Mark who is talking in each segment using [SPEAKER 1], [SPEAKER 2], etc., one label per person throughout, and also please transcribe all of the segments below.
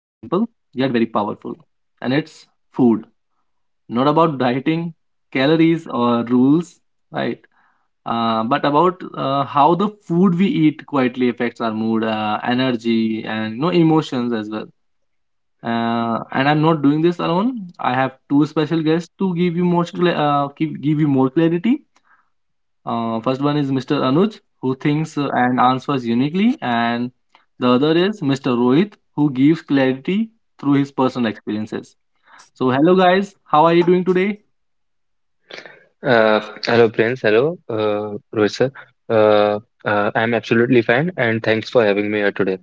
[SPEAKER 1] yet very powerful, and it's food. Not about dieting, calories, or rules, right? But about how the food we eat quietly affects our mood, energy, and emotions as well. And I'm not doing this alone. I have two special guests to give you more clarity. First one is Mr. Anuj, who thinks and answers uniquely, and the other is Mr. Rohit, who gives clarity through his personal experiences. So, hello guys, how are you doing today?
[SPEAKER 2] Hello, Prince. Hello, Rohit sir. I'm absolutely fine, and thanks for having me here today.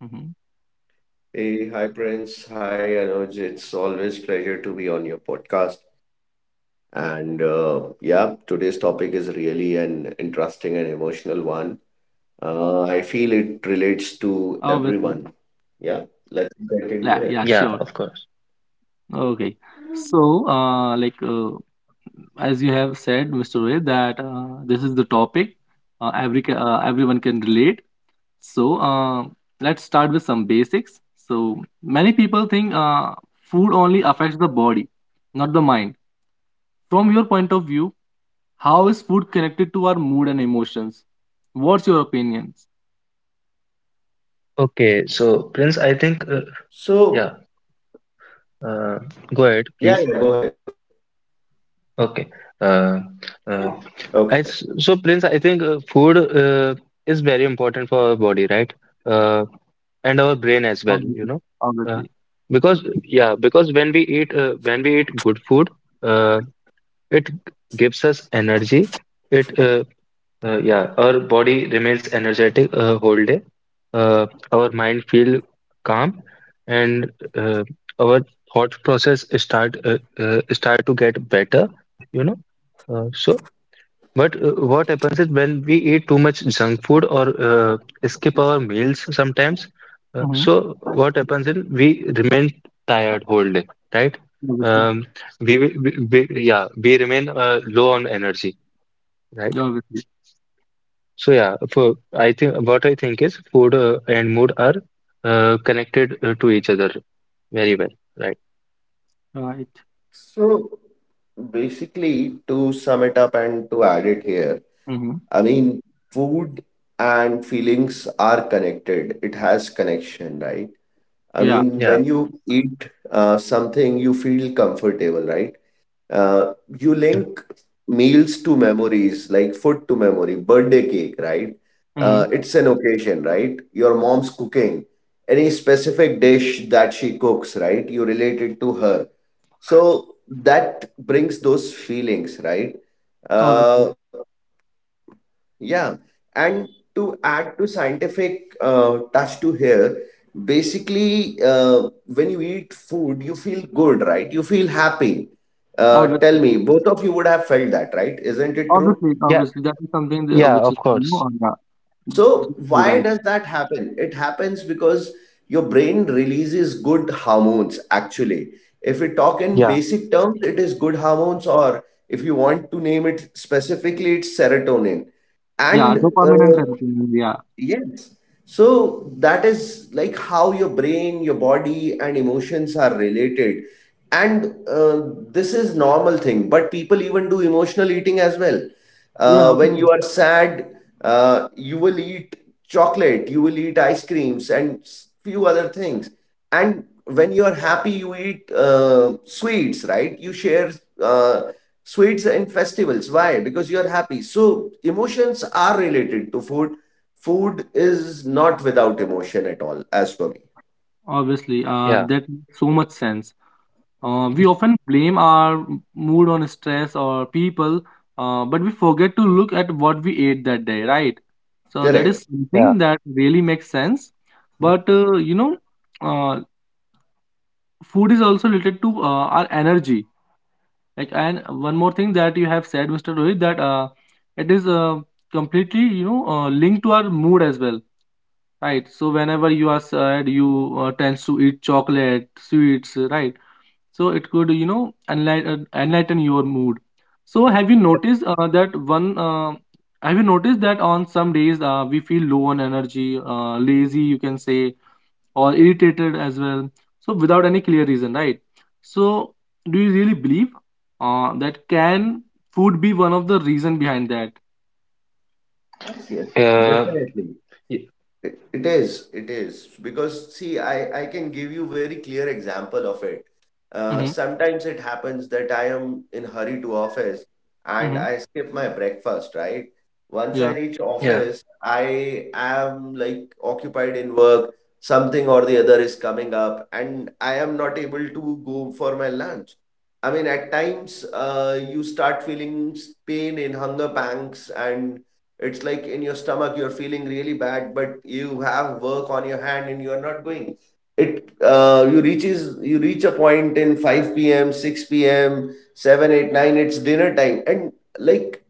[SPEAKER 1] Mhm.
[SPEAKER 3] Hey, hi Prince. Hi Anuj. It's always pleasure to be on your podcast. And yeah, today's topic is really an interesting and emotional one. I feel it relates to everyone. Yeah,
[SPEAKER 1] Obviously,
[SPEAKER 3] let's get into it.
[SPEAKER 1] yeah, yeah,
[SPEAKER 2] Yeah,
[SPEAKER 1] sure.
[SPEAKER 2] of course.
[SPEAKER 1] Okay. So, like, as you have said, Mr. Ray, that this is the topic, every everyone can relate. So, let's start with some basics. So, many people think food only affects the body, not the mind. From your point of view, how is food connected to our mood and emotions? What's your opinions?
[SPEAKER 2] Okay.
[SPEAKER 3] So
[SPEAKER 2] So, Prince, I think, yeah,
[SPEAKER 3] go ahead.
[SPEAKER 2] uh, Go ahead, please. Okay.
[SPEAKER 3] Okay.
[SPEAKER 2] Uh, uh, I s so, Prince, I think food is very important for our body, right? Uh, and our brain as well, you
[SPEAKER 1] Obviously,
[SPEAKER 2] know. Uh,
[SPEAKER 1] obviously,
[SPEAKER 2] because yeah, because when we eat when we eat good food, uh, it gives us energy. It uh, yeah, our body remains energetic whole day. Our mind feel calm, and uh, our thought process start to get better. You know. So but What happens is when we eat too much junk food or skip our meals sometimes.
[SPEAKER 1] mm-hmm,
[SPEAKER 2] So what happens is we remain tired whole day, right?
[SPEAKER 1] obviously,
[SPEAKER 2] Um, we remain low on energy, right?
[SPEAKER 1] obviously,
[SPEAKER 2] So yeah, for I think what I think is food and mood are connected to each other very well, right?
[SPEAKER 1] right.
[SPEAKER 3] So basically, to sum it up and to add it here,
[SPEAKER 1] Mm-hmm.
[SPEAKER 3] I mean, food and feelings are connected. It has connection, right? I
[SPEAKER 1] Yeah.
[SPEAKER 3] mean,
[SPEAKER 2] Yeah,
[SPEAKER 3] when you eat something, you feel comfortable, right? Uh, you
[SPEAKER 2] yeah,
[SPEAKER 3] link meals to memories, like food to memory, birthday cake, right?
[SPEAKER 1] Mm-hmm.
[SPEAKER 3] It's an occasion, right? Your mom's cooking, any specific dish that she cooks, right? You relate it to her. So that brings those feelings, right? Uh,
[SPEAKER 1] Obviously,
[SPEAKER 3] yeah, and to add to scientific touch to here, basically, when you eat food, you feel good, right? You feel happy. Tell
[SPEAKER 1] obviously,
[SPEAKER 3] me, both of you would have felt that, right? Isn't it true?
[SPEAKER 1] obviously,
[SPEAKER 2] yeah,
[SPEAKER 1] obviously, that is something that,
[SPEAKER 2] yeah, of
[SPEAKER 1] which is new
[SPEAKER 2] course.
[SPEAKER 1] on that.
[SPEAKER 3] So,
[SPEAKER 1] You're
[SPEAKER 3] why
[SPEAKER 1] right.
[SPEAKER 3] does that happen? It happens because your brain releases good hormones, actually. If we talk in
[SPEAKER 2] Yeah,
[SPEAKER 3] basic terms, it is good hormones, or if you want to name it specifically, it's serotonin
[SPEAKER 1] Yeah,
[SPEAKER 3] and
[SPEAKER 1] dopamine and
[SPEAKER 3] uh,
[SPEAKER 1] serotonin. Yeah,
[SPEAKER 3] Yes. So that is like how your brain, your body, and emotions are related. And this is normal thing, but people even do emotional eating as well.
[SPEAKER 1] yeah,
[SPEAKER 3] When
[SPEAKER 1] obviously,
[SPEAKER 3] you are sad, you will eat chocolate, you will eat ice creams, and few other things. And when you are happy, you eat sweets, right? You share uh, sweets in festivals. Why? Because you are happy. So emotions are related to food. Is not without emotion at all, as per me.
[SPEAKER 1] obviously. Uh,
[SPEAKER 2] yeah,
[SPEAKER 1] that makes so much sense. We often blame our mood on stress or people, but we forget to look at what we ate that day, right? So that
[SPEAKER 3] Correct.
[SPEAKER 1] is
[SPEAKER 2] yeah.
[SPEAKER 1] something that really makes sense. But uh, food is also related to our energy. Like, and one more thing that you have said, Mr. Rohit, that it is completely, linked to our mood as well, right? So whenever you are sad, you tends to eat chocolate, sweets, right? So it could, enlighten your mood. So have you noticed that one? Have you noticed that on some days we feel low on energy, lazy, you can say, or irritated as well, so without any clear reason, right? So do you really believe that can food be one of the reason behind that?
[SPEAKER 3] Yes, yes,
[SPEAKER 2] Uh,
[SPEAKER 3] definitely.
[SPEAKER 2] y-
[SPEAKER 3] It is. Because see, I can give you very clear example of it.
[SPEAKER 1] Mm-hmm.
[SPEAKER 3] Sometimes it happens that I am in hurry to office and
[SPEAKER 1] Mm-hmm.
[SPEAKER 3] I skip my breakfast, right? Once I
[SPEAKER 1] Yeah.
[SPEAKER 3] reach
[SPEAKER 2] yeah,
[SPEAKER 3] office, I am like occupied in work, something or the other is coming up, and I am not able to go for my lunch. I mean, at times, you start feeling pain in hunger pangs, and it's like in your stomach, you're feeling really bad, but you have work on your hand and you're not going. It you reaches you reach a point in 5 p.m., 6 p.m., 7, 8, 9. It's dinner time. And like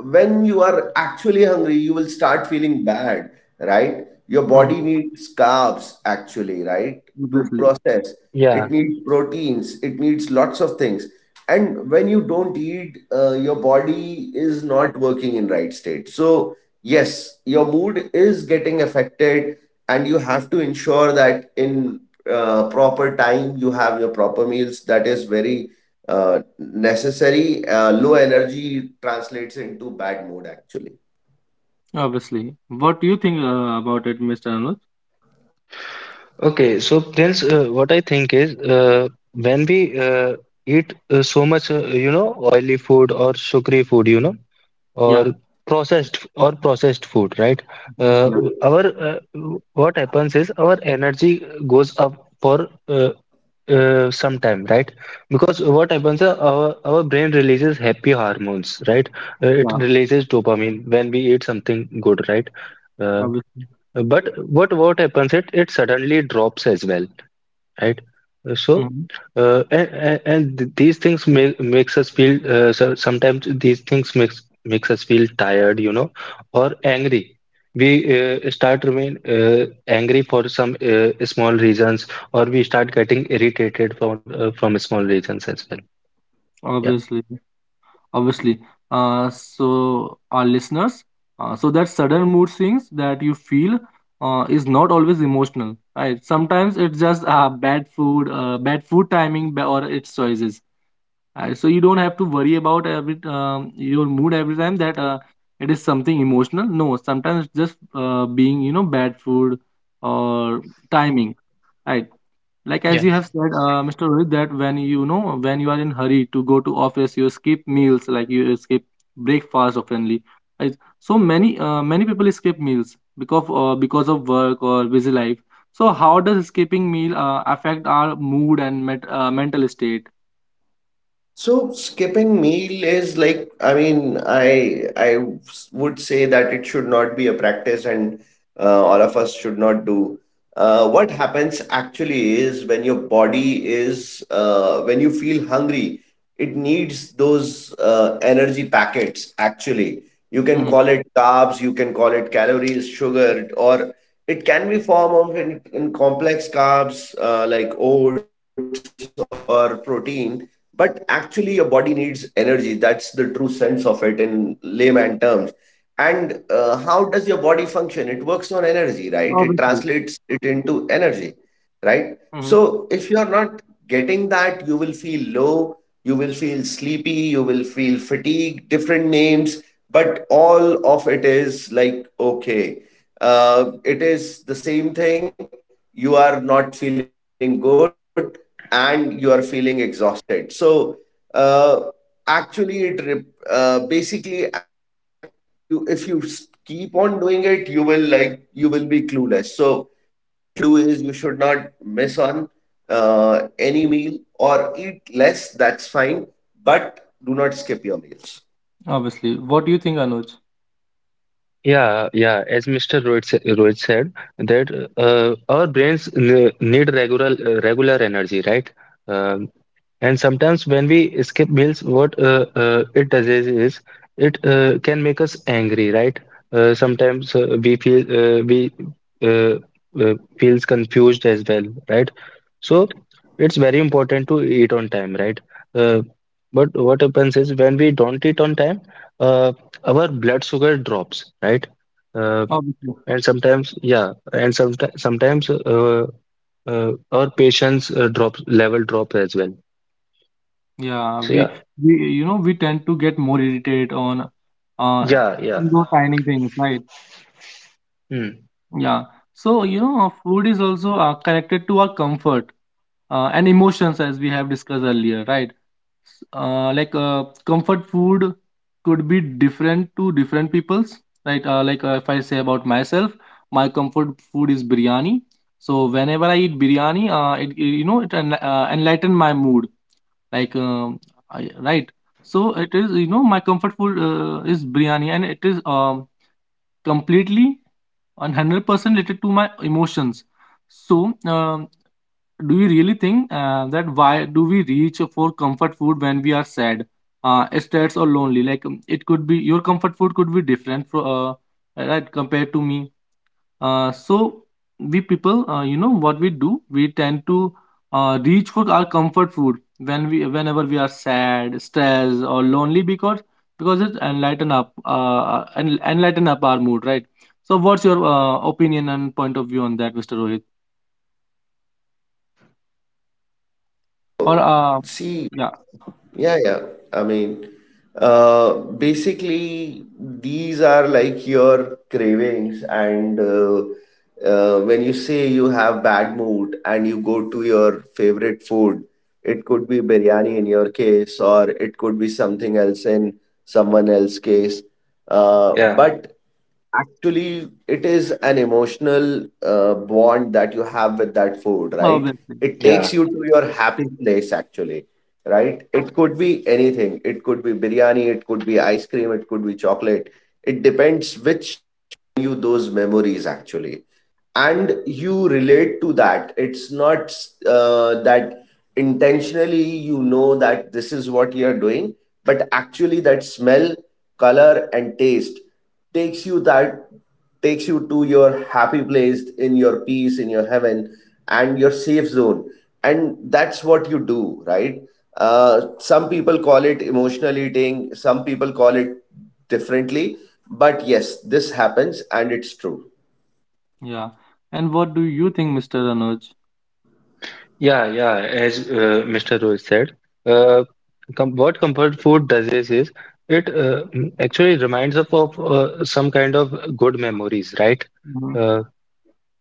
[SPEAKER 3] when you are actually hungry, you will start feeling bad, right? Your body
[SPEAKER 1] Mm-hmm.
[SPEAKER 3] needs carbs actually, right? To
[SPEAKER 1] Obviously,
[SPEAKER 3] process, it
[SPEAKER 2] yeah.
[SPEAKER 3] needs proteins, it needs lots of things. And when you don't eat, your body is not working in right state. So yes, your mood is getting affected, and you have to ensure that in proper time you have your proper meals. That is very necessary. Low energy translates into bad mood actually.
[SPEAKER 1] obviously. What do you think about it, Mr. Anuj?
[SPEAKER 2] Okay, so Prince, what I think is when we eat so much, you know, oily food or sugary food, you know, or
[SPEAKER 1] Yeah.
[SPEAKER 2] processed food, right?
[SPEAKER 1] Hmm.
[SPEAKER 2] Uh,
[SPEAKER 1] Yeah,
[SPEAKER 2] our What happens is our energy goes up for some time, right? Because what happens, our brain releases happy hormones, right? It
[SPEAKER 1] yeah,
[SPEAKER 2] releases dopamine when we eat something good, right? uh,
[SPEAKER 1] obviously.
[SPEAKER 2] but what what happens, it suddenly drops as well, right? Uh, So,
[SPEAKER 1] Hmm.
[SPEAKER 2] and these things make makes us feel, so sometimes these things makes makes us feel tired, you know, or angry. We start remain angry for some small reasons, or we start getting irritated from small reasons as well. Yeah.
[SPEAKER 1] Obviously, obviously. So our listeners, so that sudden mood swings that you feel is not always emotional, right? Sometimes it's just bad food timing, or its choices, right? So you don't have to worry about every your mood every time that it is something emotional. No, sometimes it's just being, bad food or timing, right? Like, as
[SPEAKER 2] Yeah.
[SPEAKER 1] you have said, Mr. Rohit, that when you are in hurry to go to office, you skip meals, like you skip breakfast oftenly. I, so many many people skip meals because of work or busy life. So how does skipping meal affect our mood and mental state?
[SPEAKER 3] So skipping meal is like, I mean, I would say that it should not be a practice, and all of us should not do. What happens actually is when is you feel hungry, it needs those energy packets actually. You can
[SPEAKER 1] Hmm.
[SPEAKER 3] call it carbs, you can call it calories, sugar, or it can be form of in complex carbs like oats or protein, but actually, your body needs energy. That's the true sense of it in layman terms. And how does your body function? It works on energy, right? It translates
[SPEAKER 1] Obviously.
[SPEAKER 3] it into energy, right?
[SPEAKER 1] Hmm.
[SPEAKER 3] So if you're not getting that, you will feel low, you will feel sleepy, you will feel fatigue, different names, but all of it is like, okay, it is the same thing. You are not feeling good and you are feeling exhausted. So uh, basically, at you if you keep on doing it, you will like you will be clueless. So what you should do is you should not miss on any meal or eat less, that's fine, but do not skip your meals.
[SPEAKER 1] Obviously. What do you think, Anuj?
[SPEAKER 2] Yeah, yeah. As Mr. Rohit, Rohit said, that our brains need regular regular energy, right? Um, And sometimes when we skip meals, what it does is, it can make us angry, right? Sometimes we uh, uh, feels confused as well, right? So it's very important to eat on time, right? Uh, but what happens is when we don't eat on time, uh, our blood sugar drops, right? Uh,
[SPEAKER 1] Obviously.
[SPEAKER 2] and sometimes, yeah, and sometimes our patience drops level drop as well.
[SPEAKER 1] Yeah,
[SPEAKER 2] So yeah.
[SPEAKER 1] we you know we tend to get more irritated on,
[SPEAKER 2] Yeah,
[SPEAKER 1] even
[SPEAKER 2] yeah.
[SPEAKER 1] though tiny things, right?
[SPEAKER 2] Hmm.
[SPEAKER 1] Yeah. So, food is also connected to our comfort and emotions, as we have discussed earlier, right? Comfort food could be different to different people's, right? If I say about myself, my comfort food is biryani. So whenever I eat biryani, it enlighten my mood, like um, right? So it is, my comfort food is biryani, and it is completely 100% related to my emotions. So do you really think that why do we reach for comfort food when we are sad, stressed, or lonely? Like, it could be your comfort food could be different for, right, compared to me. So we people, what we do, we tend to reach for our comfort food whenever we are sad, stressed, or lonely, because it enlighten up, our mood, right? So what's your opinion and point of view on that, Mr. Rohit? Or
[SPEAKER 3] So,
[SPEAKER 1] yeah,
[SPEAKER 3] see, yeah, yeah. I mean, basically, these are like your cravings, and when you say you have bad mood and you go to your favorite food, it could be biryani in your case, or it could be something else in someone else's case. Uh,
[SPEAKER 2] Yeah,
[SPEAKER 3] but actually, it is an emotional bond that you have with that food, right?
[SPEAKER 1] obviously,
[SPEAKER 3] It takes you to your happy place, actually, right? It could be anything. It could be biryani, it could be ice cream, it could be chocolate. It depends which you, those memories actually, and you relate to that. It's not that intentionally you know that this is what you're doing, but actually that smell, color and taste takes you that, takes you to your happy place, in your peace, in your heaven and your safe zone, and that's what you do, right? Some people call it emotional eating, some people call it differently, but yes, this happens and it's true.
[SPEAKER 1] yeah. And what do you think, Mr. Anuj?
[SPEAKER 2] yeah, yeah. As Mr. Rohit said, uh, com what comfort food does is, it actually reminds us of some kind of good memories, right? Uh,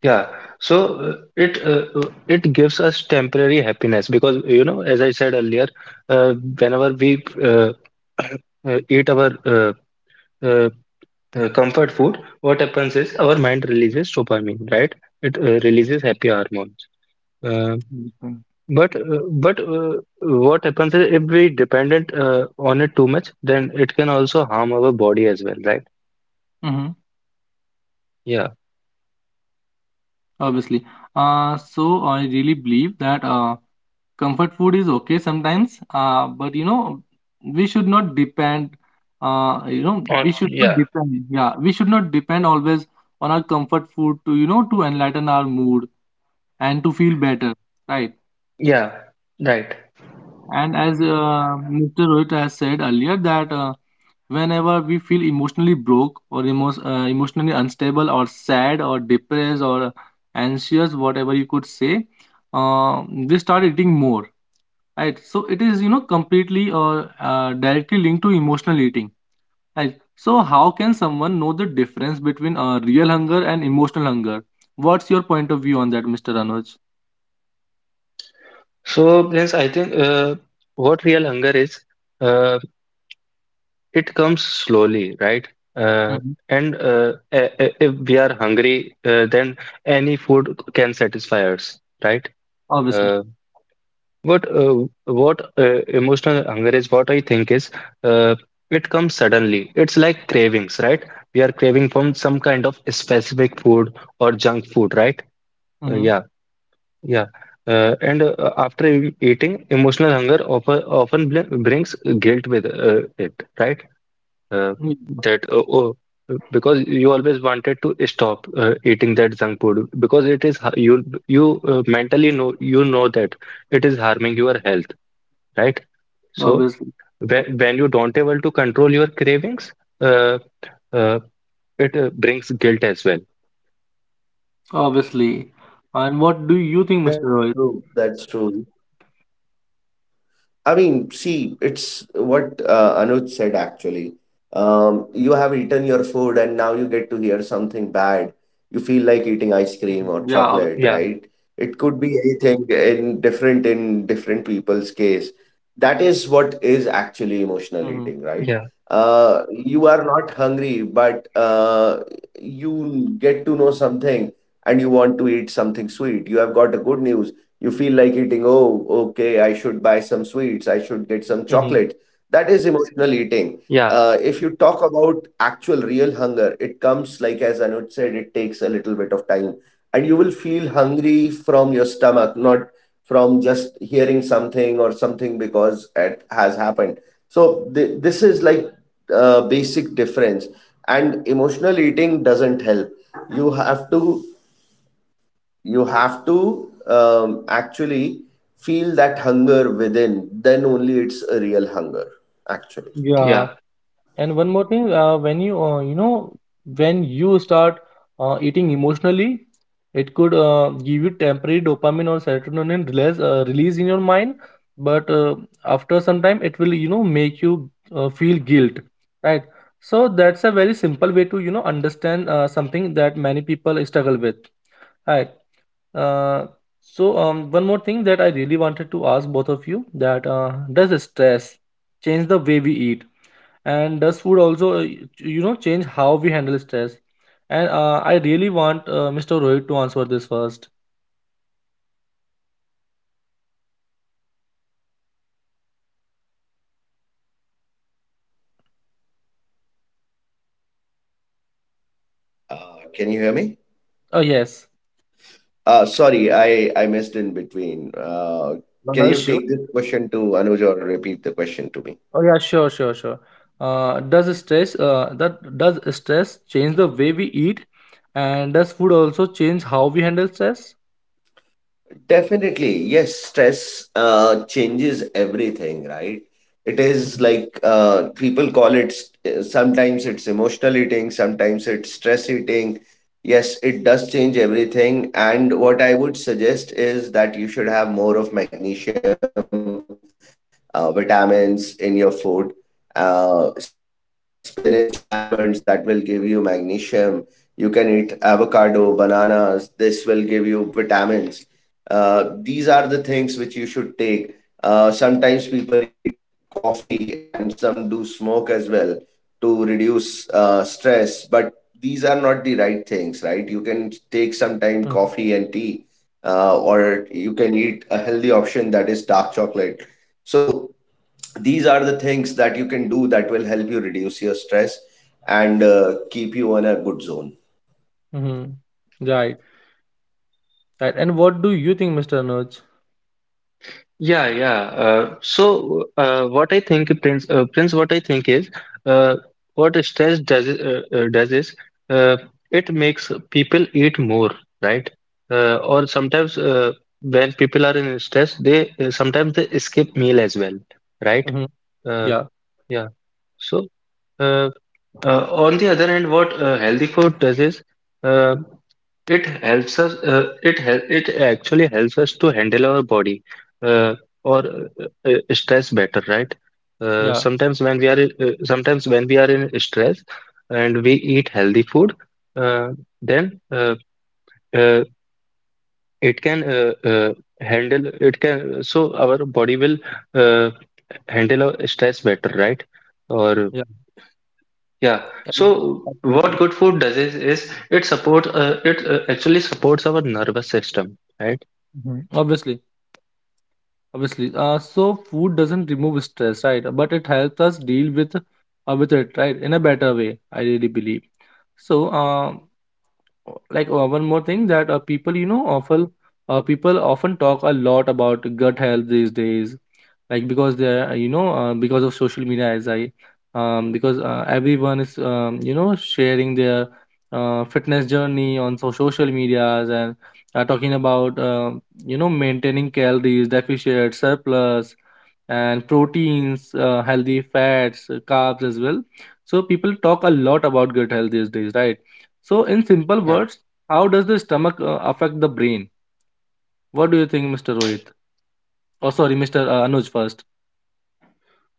[SPEAKER 2] yeah. So it gives us temporary happiness because you know, as I said earlier, whenever we eat our uh, comfort food, what happens is our mind releases dopamine, right? It releases happy hormone. Uh, but uh, but What happens is if we dependent on it too much, then it can also harm our body as well, right?
[SPEAKER 1] Mm-hmm.
[SPEAKER 2] Yeah.
[SPEAKER 1] Obviously. So I really believe that comfort food is okay sometimes, but, we should not depend.
[SPEAKER 2] On
[SPEAKER 1] We should not
[SPEAKER 2] yeah
[SPEAKER 1] depend. Yeah, we should not depend always on our comfort food to you know to enlighten our mood and to feel better, right?
[SPEAKER 2] Yeah, right.
[SPEAKER 1] And as Mr. Rohit has said earlier, that whenever we feel emotionally broke or emotionally unstable or sad or depressed or anxious, whatever you could say, we start eating more. Right. So it is, completely or directly linked to emotional eating. Right. So how can someone know the difference between real hunger and emotional hunger? What's your point of view on that, Mr. Anuj?
[SPEAKER 2] So Prince, I think what real hunger is, uh, it comes slowly, right? Uh,
[SPEAKER 1] Hmm.
[SPEAKER 2] if we are hungry, then any food can satisfy us, right?
[SPEAKER 1] Obviously.
[SPEAKER 2] Uh, what emotional hunger is what I think is, uh, it comes suddenly. It's like cravings, right? We are craving from some kind of specific food or junk food, right?
[SPEAKER 1] Hmm.
[SPEAKER 2] Yeah, yeah. And After eating, emotional hunger often brings guilt with it, right? Uh, that, oh, because you always wanted to stop eating that junk food because it is ha- you mentally know, you know that it is harming your health, right? So
[SPEAKER 1] Obviously.
[SPEAKER 2] when you don't able to control your cravings, uh, uh, it brings guilt as well.
[SPEAKER 1] Obviously. And
[SPEAKER 3] That's
[SPEAKER 1] what do you
[SPEAKER 3] true.
[SPEAKER 1] think, Mr.
[SPEAKER 3] That's
[SPEAKER 1] Rohit?
[SPEAKER 3] true. I mean, see, it's what Anuj said actually. You have eaten your food and now you get to hear something bad. You feel like eating ice cream or
[SPEAKER 1] Mhm. Yeah,
[SPEAKER 3] chocolate,
[SPEAKER 1] obviously.
[SPEAKER 2] Yeah,
[SPEAKER 3] right? It could be anything in different people's case. That is what is actually emotional
[SPEAKER 1] Mm-hmm.
[SPEAKER 3] eating, right?
[SPEAKER 2] yeah,
[SPEAKER 3] You are not hungry, but you get to know something and you want to eat something sweet. You have got a good news, you feel like eating, oh, okay, I should buy some sweets, I should get some
[SPEAKER 1] Mm-hmm.
[SPEAKER 3] chocolate. That is emotional eating.
[SPEAKER 2] yeah,
[SPEAKER 3] If you talk about actual real hunger, it comes, like, as Anuj said, it takes a little bit of time, and you will feel hungry from your stomach, not from just hearing something or something because it has happened. So this is like basic difference. And emotional eating doesn't help. You have to you have to um, actually feel that hunger within, then only it's a real hunger actually.
[SPEAKER 1] Yeah.
[SPEAKER 2] yeah,
[SPEAKER 1] And one more thing, when you start eating emotionally, it could give you temporary dopamine or serotonin release in your mind, but after some time it will, make you feel guilt, right? So that's a very simple way to understand something that many people struggle with, right? Uh, so, one more thing that I really wanted to ask both of you, that does stress change the way we eat, and does food also change how we handle stress? And I really want Mr. Rohit to answer this first.
[SPEAKER 3] uh, can you hear me?
[SPEAKER 1] Oh yes,
[SPEAKER 3] Sorry, I missed in between. Uh,
[SPEAKER 1] no,
[SPEAKER 3] can
[SPEAKER 1] no
[SPEAKER 3] you
[SPEAKER 1] issue.
[SPEAKER 3] take this question to Anuj or repeat the question to me?
[SPEAKER 1] Oh yeah, sure, sure, sure. Does stress change the way we eat, and does food also change how we handle stress?
[SPEAKER 3] Definitely, yes, stress changes everything, right? It is
[SPEAKER 1] Hmm.
[SPEAKER 3] like people call it, sometimes it's emotional eating, sometimes it's stress eating. Yes, it does change everything. And what I would suggest is that you should have more of magnesium, vitamins in your food, spinach, almonds, that will give you magnesium. You can eat avocado, bananas, this will give you vitamins. These are the things which you should take. Sometimes people eat coffee and some do smoke as well to reduce stress, but these are not the right things, right? You can take sometime coffee and tea, or you can eat a healthy option, that is dark chocolate. So these are the things that you can do that will help you reduce your stress and keep you on a good zone.
[SPEAKER 1] Hmm. Right, right. And what do you think, Mr. Anuj?
[SPEAKER 2] yeah, yeah. What I think, Prince, what I think is, uh, what stress does is, uh, it makes people eat more, right? Or sometimes when people are in stress, they sometimes they skip meal as well, right?
[SPEAKER 1] Mhm.
[SPEAKER 2] Uh,
[SPEAKER 1] Yeah,
[SPEAKER 2] yeah. So. uh, on the other hand, what healthy food does is uh, it helps us. It hel it actually helps us to handle our body uh, or stress better, right?
[SPEAKER 1] yeah,
[SPEAKER 2] Sometimes when we are in stress and we eat healthy food, uh, then uh, it can handle it can so our body will uh, handle our stress better, right? Or
[SPEAKER 1] yeah.
[SPEAKER 2] Yeah.
[SPEAKER 1] ab-
[SPEAKER 2] So what
[SPEAKER 1] Absolutely.
[SPEAKER 2] good food does is it supports it actually supports our nervous system, right?
[SPEAKER 1] Mhm. Obviously, obviously. So food doesn't remove stress, right? But it helps us deal with it, right? In a better way, I really believe. So, one more thing that people often talk a lot about gut health these days, like because they're because of social media, as I because everyone is, sharing their fitness journey on so social medias, and talking about maintaining calories deficit surplus and proteins, healthy fats, carbs as well. So people talk a lot about gut health these days, right? So, in simple
[SPEAKER 2] Yeah.
[SPEAKER 1] words, how does the stomach affect the brain? What do you think, Mr. Rohit? Oh, sorry, Mr. Anuj first.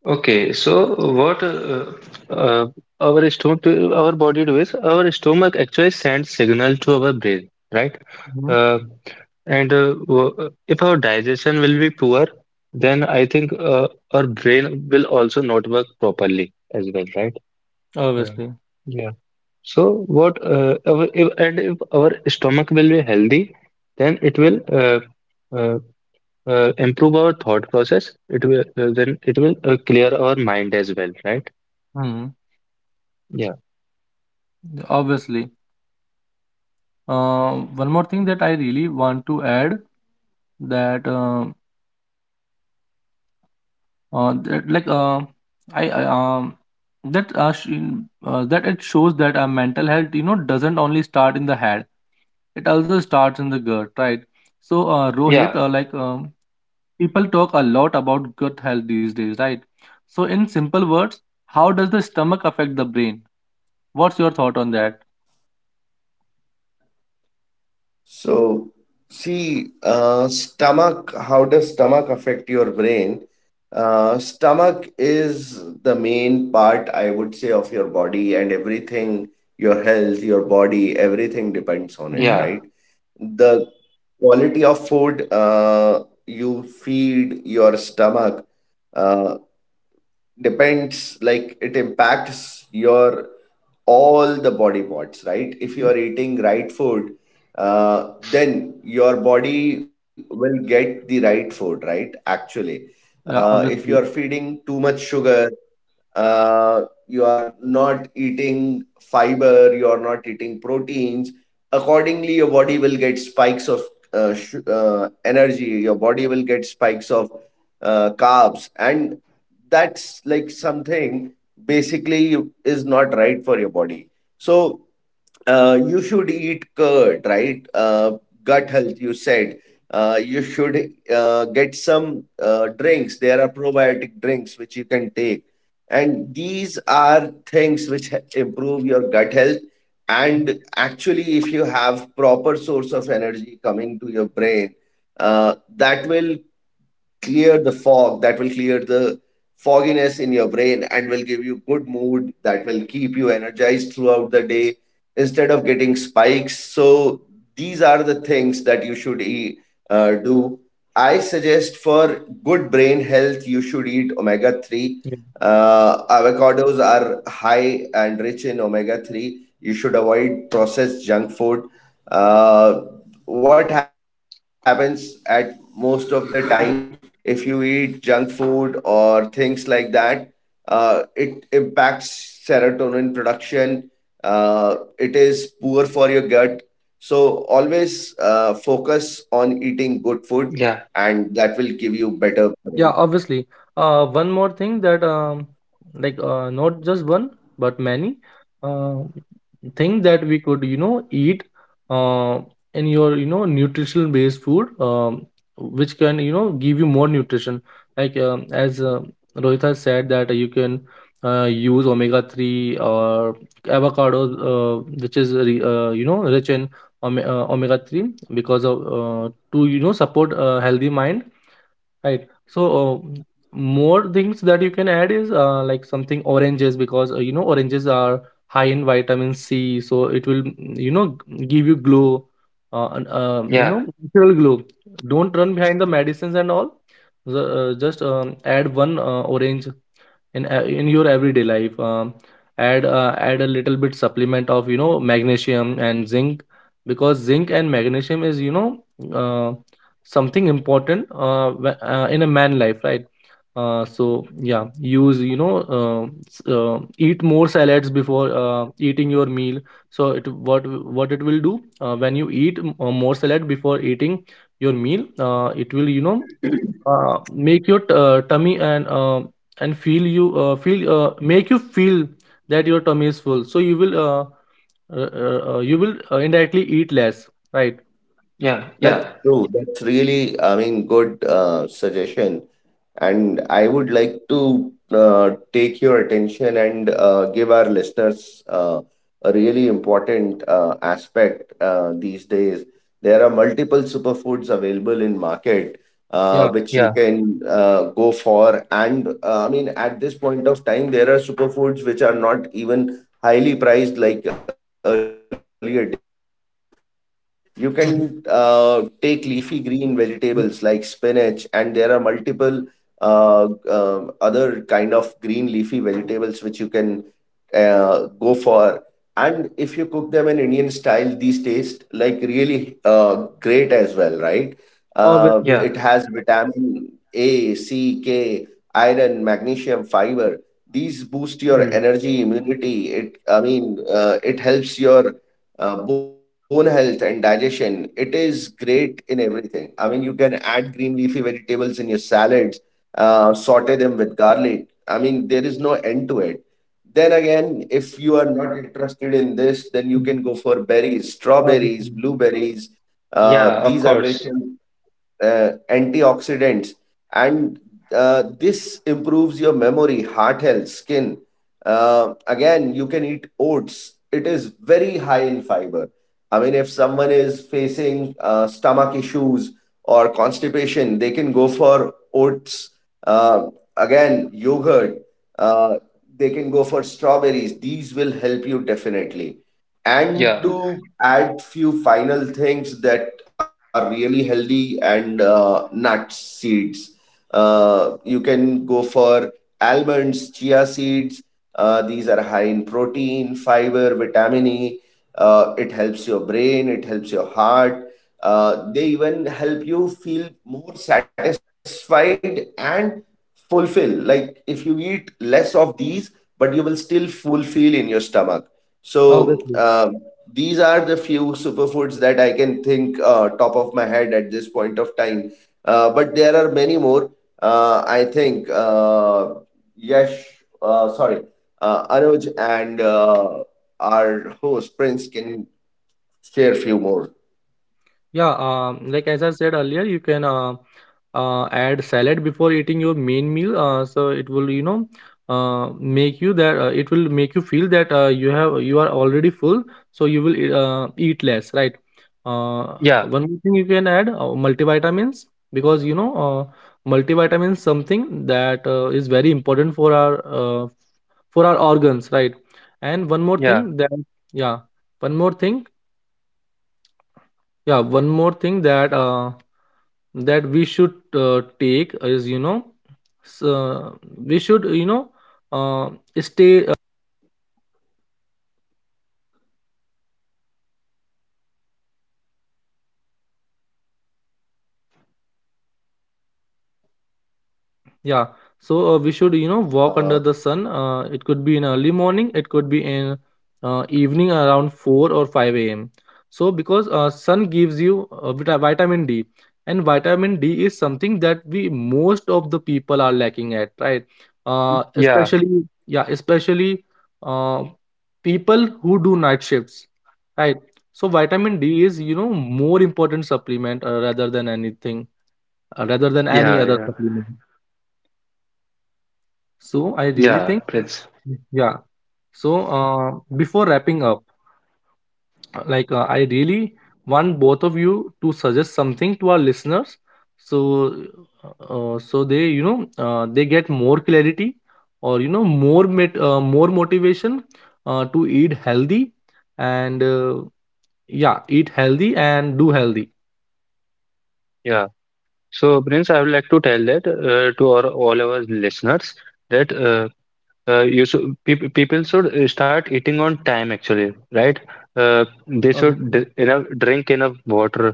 [SPEAKER 2] Okay. So what uh, our stomach do, our body do is our stomach actually sends signal to our brain, right?
[SPEAKER 1] Mhm.
[SPEAKER 2] Uh, and if our digestion will be poor, then I think our brain will also not work properly as well, right? Uh,
[SPEAKER 1] Obviously.
[SPEAKER 2] yeah. So what our, if, and if our stomach will be healthy, then it will uh, improve our thought process. It will clear our mind as well, right?
[SPEAKER 1] Hmm.
[SPEAKER 2] Yeah,
[SPEAKER 1] Obviously. Uh, one more thing that I really want to add, that that, like I that it shows that mental health, doesn't only start in the head, it also starts in the gut, right? So Rohit,
[SPEAKER 2] yeah,
[SPEAKER 1] people talk a lot about gut health these days, right? So, in simple words, how does the stomach affect the brain? What's your thought on that?
[SPEAKER 3] So, see, stomach, how does stomach affect your brain? Stomach is the main part, I would say, of your body, and everything, your health, your body, everything depends on it,
[SPEAKER 1] Hmm.
[SPEAKER 3] right?
[SPEAKER 2] yeah,
[SPEAKER 3] The quality of food you feed your stomach uh, depends, like, it impacts your all the body parts, right? If you are eating right food, then your body will get the right food, right? Actually,
[SPEAKER 1] Yeah,
[SPEAKER 3] if you are
[SPEAKER 1] obviously.
[SPEAKER 3] feeding too much sugar, you are not eating fiber, you are not eating proteins. Accordingly, your body will get spikes of energy, your body will get spikes of carbs, and that's like something basically is not right for your body. So, you should eat curd, right? Gut health, you said. You should get some drinks. There are probiotic drinks which you can take. And these are things which improve your gut health. And actually, if you have proper source of energy coming to your brain, that will clear the fog, that will clear the fogginess in your brain and will give you good mood, that will keep you energized throughout the day instead of getting spikes. So these are the things that you should eat. Uh, do I suggest? For good brain health, you should eat omega 3. Avocados are high and rich in omega 3. You should avoid processed junk food. Uh, what happens at most of the time, if you eat junk food or things like that, it impacts serotonin production. It is poor for your gut. So always focus on eating good
[SPEAKER 2] yeah,
[SPEAKER 3] food, and that will give you better
[SPEAKER 1] Yeah,
[SPEAKER 3] brain.
[SPEAKER 1] obviously. One more thing that, not just one but many uh, thing that we could, eat uh, in your, nutritional based food, which can, give you more nutrition. As Rohit has said, that you can use omega three or avocado, which is rich in omega three, because of to, support a healthy mind. Right. So, more things that you can add is like something oranges, because oranges are high in vitamin C, so it will, give you glow, and,
[SPEAKER 2] yeah,
[SPEAKER 1] natural glow. Don't run behind the medicines and all. Just add one orange in your everyday life. Add a little bit supplement of magnesium and zinc because zinc and magnesium is uh, something important in a man life, right? So yeah, use you know uh, s- eat more salads before eating your meal. So it what it will do, when you eat more salad before eating your meal, it will, make your tummy and feel you feel make you feel that your tummy is full, so you will indirectly eat less, right?
[SPEAKER 2] yeah,
[SPEAKER 3] That's
[SPEAKER 2] yeah,
[SPEAKER 3] true. That's really, I mean, good suggestion. And I would like to take your attention and give our listeners a really important aspect these days. There are multiple superfoods available in market
[SPEAKER 1] Yeah.
[SPEAKER 3] which you
[SPEAKER 2] yeah,
[SPEAKER 3] can go for. And I mean, at this point of time, there are superfoods which are not even highly priced like earlier days, right? You can take
[SPEAKER 1] Mhm.
[SPEAKER 3] leafy green vegetables like spinach,
[SPEAKER 1] Mm.
[SPEAKER 3] and there are multiple other kind of green leafy vegetables which you can go for. And if you cook them in Indian style, these taste like really great as well, right? Uh,
[SPEAKER 1] Obviously.
[SPEAKER 2] yeah.
[SPEAKER 3] it has vitamin A, C, K, iron, magnesium, fiber. These boost your
[SPEAKER 2] Mm.
[SPEAKER 3] energy, immunity. It helps your bone health and digestion. It is great in everything. I mean, you can add green leafy vegetables in your salads, saute them with garlic. I mean, there is no end to it. Then again, if you are not interested in this, then you
[SPEAKER 1] Mm.
[SPEAKER 3] can go for berries, strawberries,
[SPEAKER 1] Obviously.
[SPEAKER 3] blueberries.
[SPEAKER 2] Yeah, of
[SPEAKER 3] These are rich
[SPEAKER 2] course.
[SPEAKER 3] in antioxidants, and this improves your memory, heart health, skin. Again, you can eat oats. It is very high in fiber. I mean, if someone is facing stomach issues or constipation, they can go for oats. uh, Again, yogurt, uh, they can go for strawberries. These will help you definitely. And
[SPEAKER 2] Yeah,
[SPEAKER 3] to add few final things that are really healthy, and nuts, seeds, you can go for almonds, chia seeds. These are high in protein, fiber, vitamin E. It helps your brain, it helps your heart. They even help you feel more satisfied and fulfill, like if you eat less of these, but you will still fulfill in your stomach. so
[SPEAKER 1] Obviously.
[SPEAKER 3] uh, these are the few superfoods that I can think top of my head at this point of time. But there are many more. I think Yash, sorry, Anuj and our host Prince can share few more.
[SPEAKER 1] Yeah, like as I said earlier, you can add salad before eating your main meal. So it will, you know, make you that, it will make you feel that you are already full, so you will eat less, right? Uh,
[SPEAKER 2] yeah,
[SPEAKER 1] One more thing you can add, multivitamins, because multivitamins something that is very important for our organs, right? And one more
[SPEAKER 2] yeah,
[SPEAKER 1] thing that, yeah, one more thing, yeah, one more thing that that we should take is, you know, so we should, you know, uh, stay. Yeah. So
[SPEAKER 3] Uh,
[SPEAKER 1] we should, you know, walk under the sun. It could be in early morning. It could be in evening around 4 or 5 a.m. So because sun gives you vitamin D, and vitamin D is something that we, most of the people, are lacking at, right?
[SPEAKER 2] yeah,
[SPEAKER 1] Especially, yeah, especially uh, people who do night shifts, right? So vitamin D is, you know, more important supplement rather than anything, rather than any
[SPEAKER 2] yeah,
[SPEAKER 1] other
[SPEAKER 2] yeah,
[SPEAKER 1] supplement. So I really
[SPEAKER 2] yeah,
[SPEAKER 1] think,
[SPEAKER 2] Prince.
[SPEAKER 1] yeah. So before wrapping up, I really want both of you to suggest something to our listeners, so so they, you know, they get more clarity or you know more more motivation to eat healthy and yeah, eat healthy and do healthy.
[SPEAKER 2] Yeah. So, Prince, I would like to tell that to our all our listeners that you should people people should start eating on time actually, right? Uh, they
[SPEAKER 1] Obviously,
[SPEAKER 2] should d enough drink enough water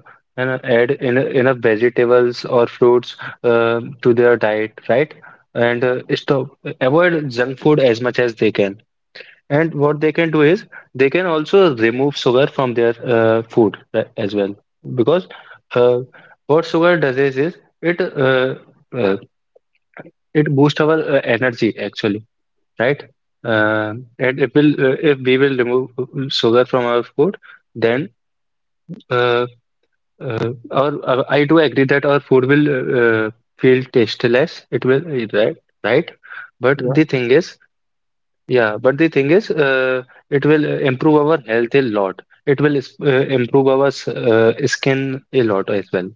[SPEAKER 2] and add en enough vegetables or fruits to their diet, right? And stop avoid junk food as much as they can. And what they can do is they can also remove sugar from their food as well because uh, what sugar does is, it uh, it boosts our energy actually, right? If we will remove sugar from our food, then uh, I do agree that our food will uh, feel tasteless. It will, right, right. But
[SPEAKER 1] yeah.
[SPEAKER 2] the thing is, yeah, but the thing is, it will improve our health a lot. It will improve our skin a lot as well.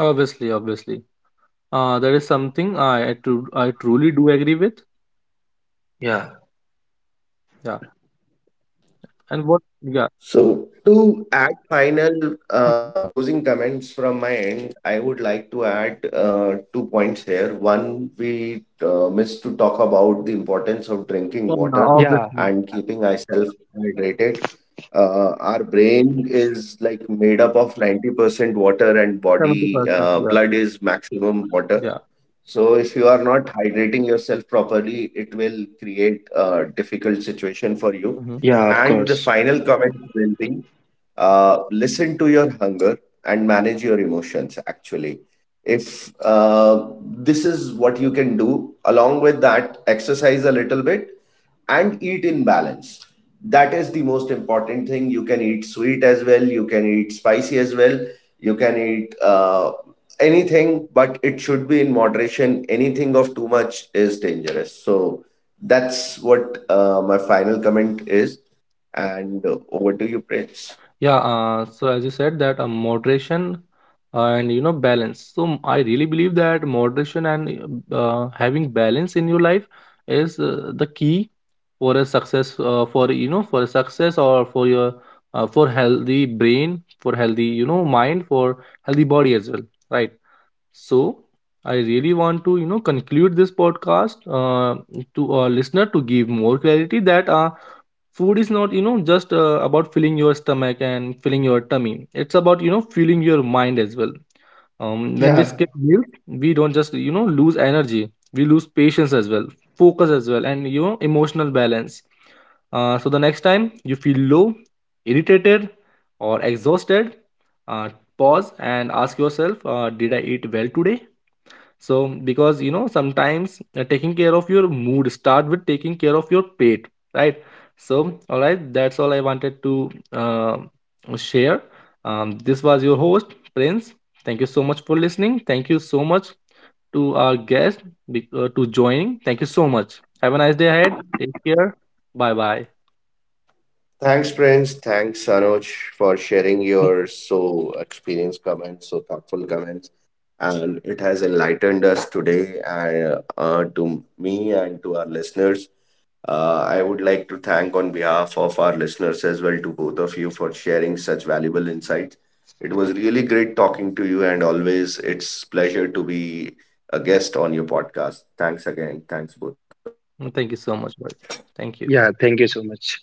[SPEAKER 1] Obviously, obviously. That is something I truly do agree with. Yeah. And what?
[SPEAKER 3] So,
[SPEAKER 1] Yeah.
[SPEAKER 3] to add final
[SPEAKER 1] Hmm.
[SPEAKER 3] closing comments from my end, I would like to add two points here. One, we missed to talk about the importance of drinking
[SPEAKER 1] Yeah,
[SPEAKER 3] water
[SPEAKER 2] Yeah.
[SPEAKER 1] obviously,
[SPEAKER 3] and keeping ourselves hydrated. Our brain is like made up of 90% water, and body
[SPEAKER 1] 70%. Yeah,
[SPEAKER 3] blood is maximum water.
[SPEAKER 1] yeah.
[SPEAKER 3] So if you are not hydrating yourself properly, it will create a difficult situation for you.
[SPEAKER 1] Mhm.
[SPEAKER 2] Yeah, of
[SPEAKER 3] And the
[SPEAKER 2] course.
[SPEAKER 3] final comment will be, listen to your hunger and manage your emotions actually. If This is what you can do, along with that exercise a little bit and eat in balance. That is the most important thing. You can eat sweet as well, you can eat spicy as well, you can eat anything, but it should be in moderation. Anything of too much is dangerous. So that's what my final comment is. And over to you, Prince.
[SPEAKER 1] Yeah, so as you said that moderation and you know balance. So I really believe that moderation and having balance in your life is the key for a success, for you know for a success or for your for healthy brain, for healthy you know mind, for healthy body as well, right? So I really want to, you know, conclude this podcast, to our listener, to give more clarity that food is not, you know, just about filling your stomach and filling your tummy. It's about, you know, fueling your mind as well. When we
[SPEAKER 2] Yeah.
[SPEAKER 1] skip meals, we don't just, you know, lose energy, we lose patience as well, focus as well, and you know emotional balance. So the next time you feel low, irritated, or exhausted, uh, pause and ask yourself, did I eat well today? So because you know sometimes taking care of your mood start with taking care of your pet, right? So all right, that's all I wanted to share. This was your host, Prince. Thank you so much for listening. Thank you so much to our guest to joining. Thank you so much. Have a nice day ahead. Take care. Bye bye
[SPEAKER 3] Thanks, Prince. Thanks, Anuj, for sharing your so experienced comments, so thoughtful comments, and it has enlightened us today. And to me and to our listeners, I would like to thank on behalf of our listeners as well to both of you for sharing such valuable insights. It was really great talking to you, and always it's pleasure to be a guest on your podcast. Thanks again. Thanks both of you.
[SPEAKER 1] thank you so much. Bye. Thank you.
[SPEAKER 2] Yeah. Thank you so much.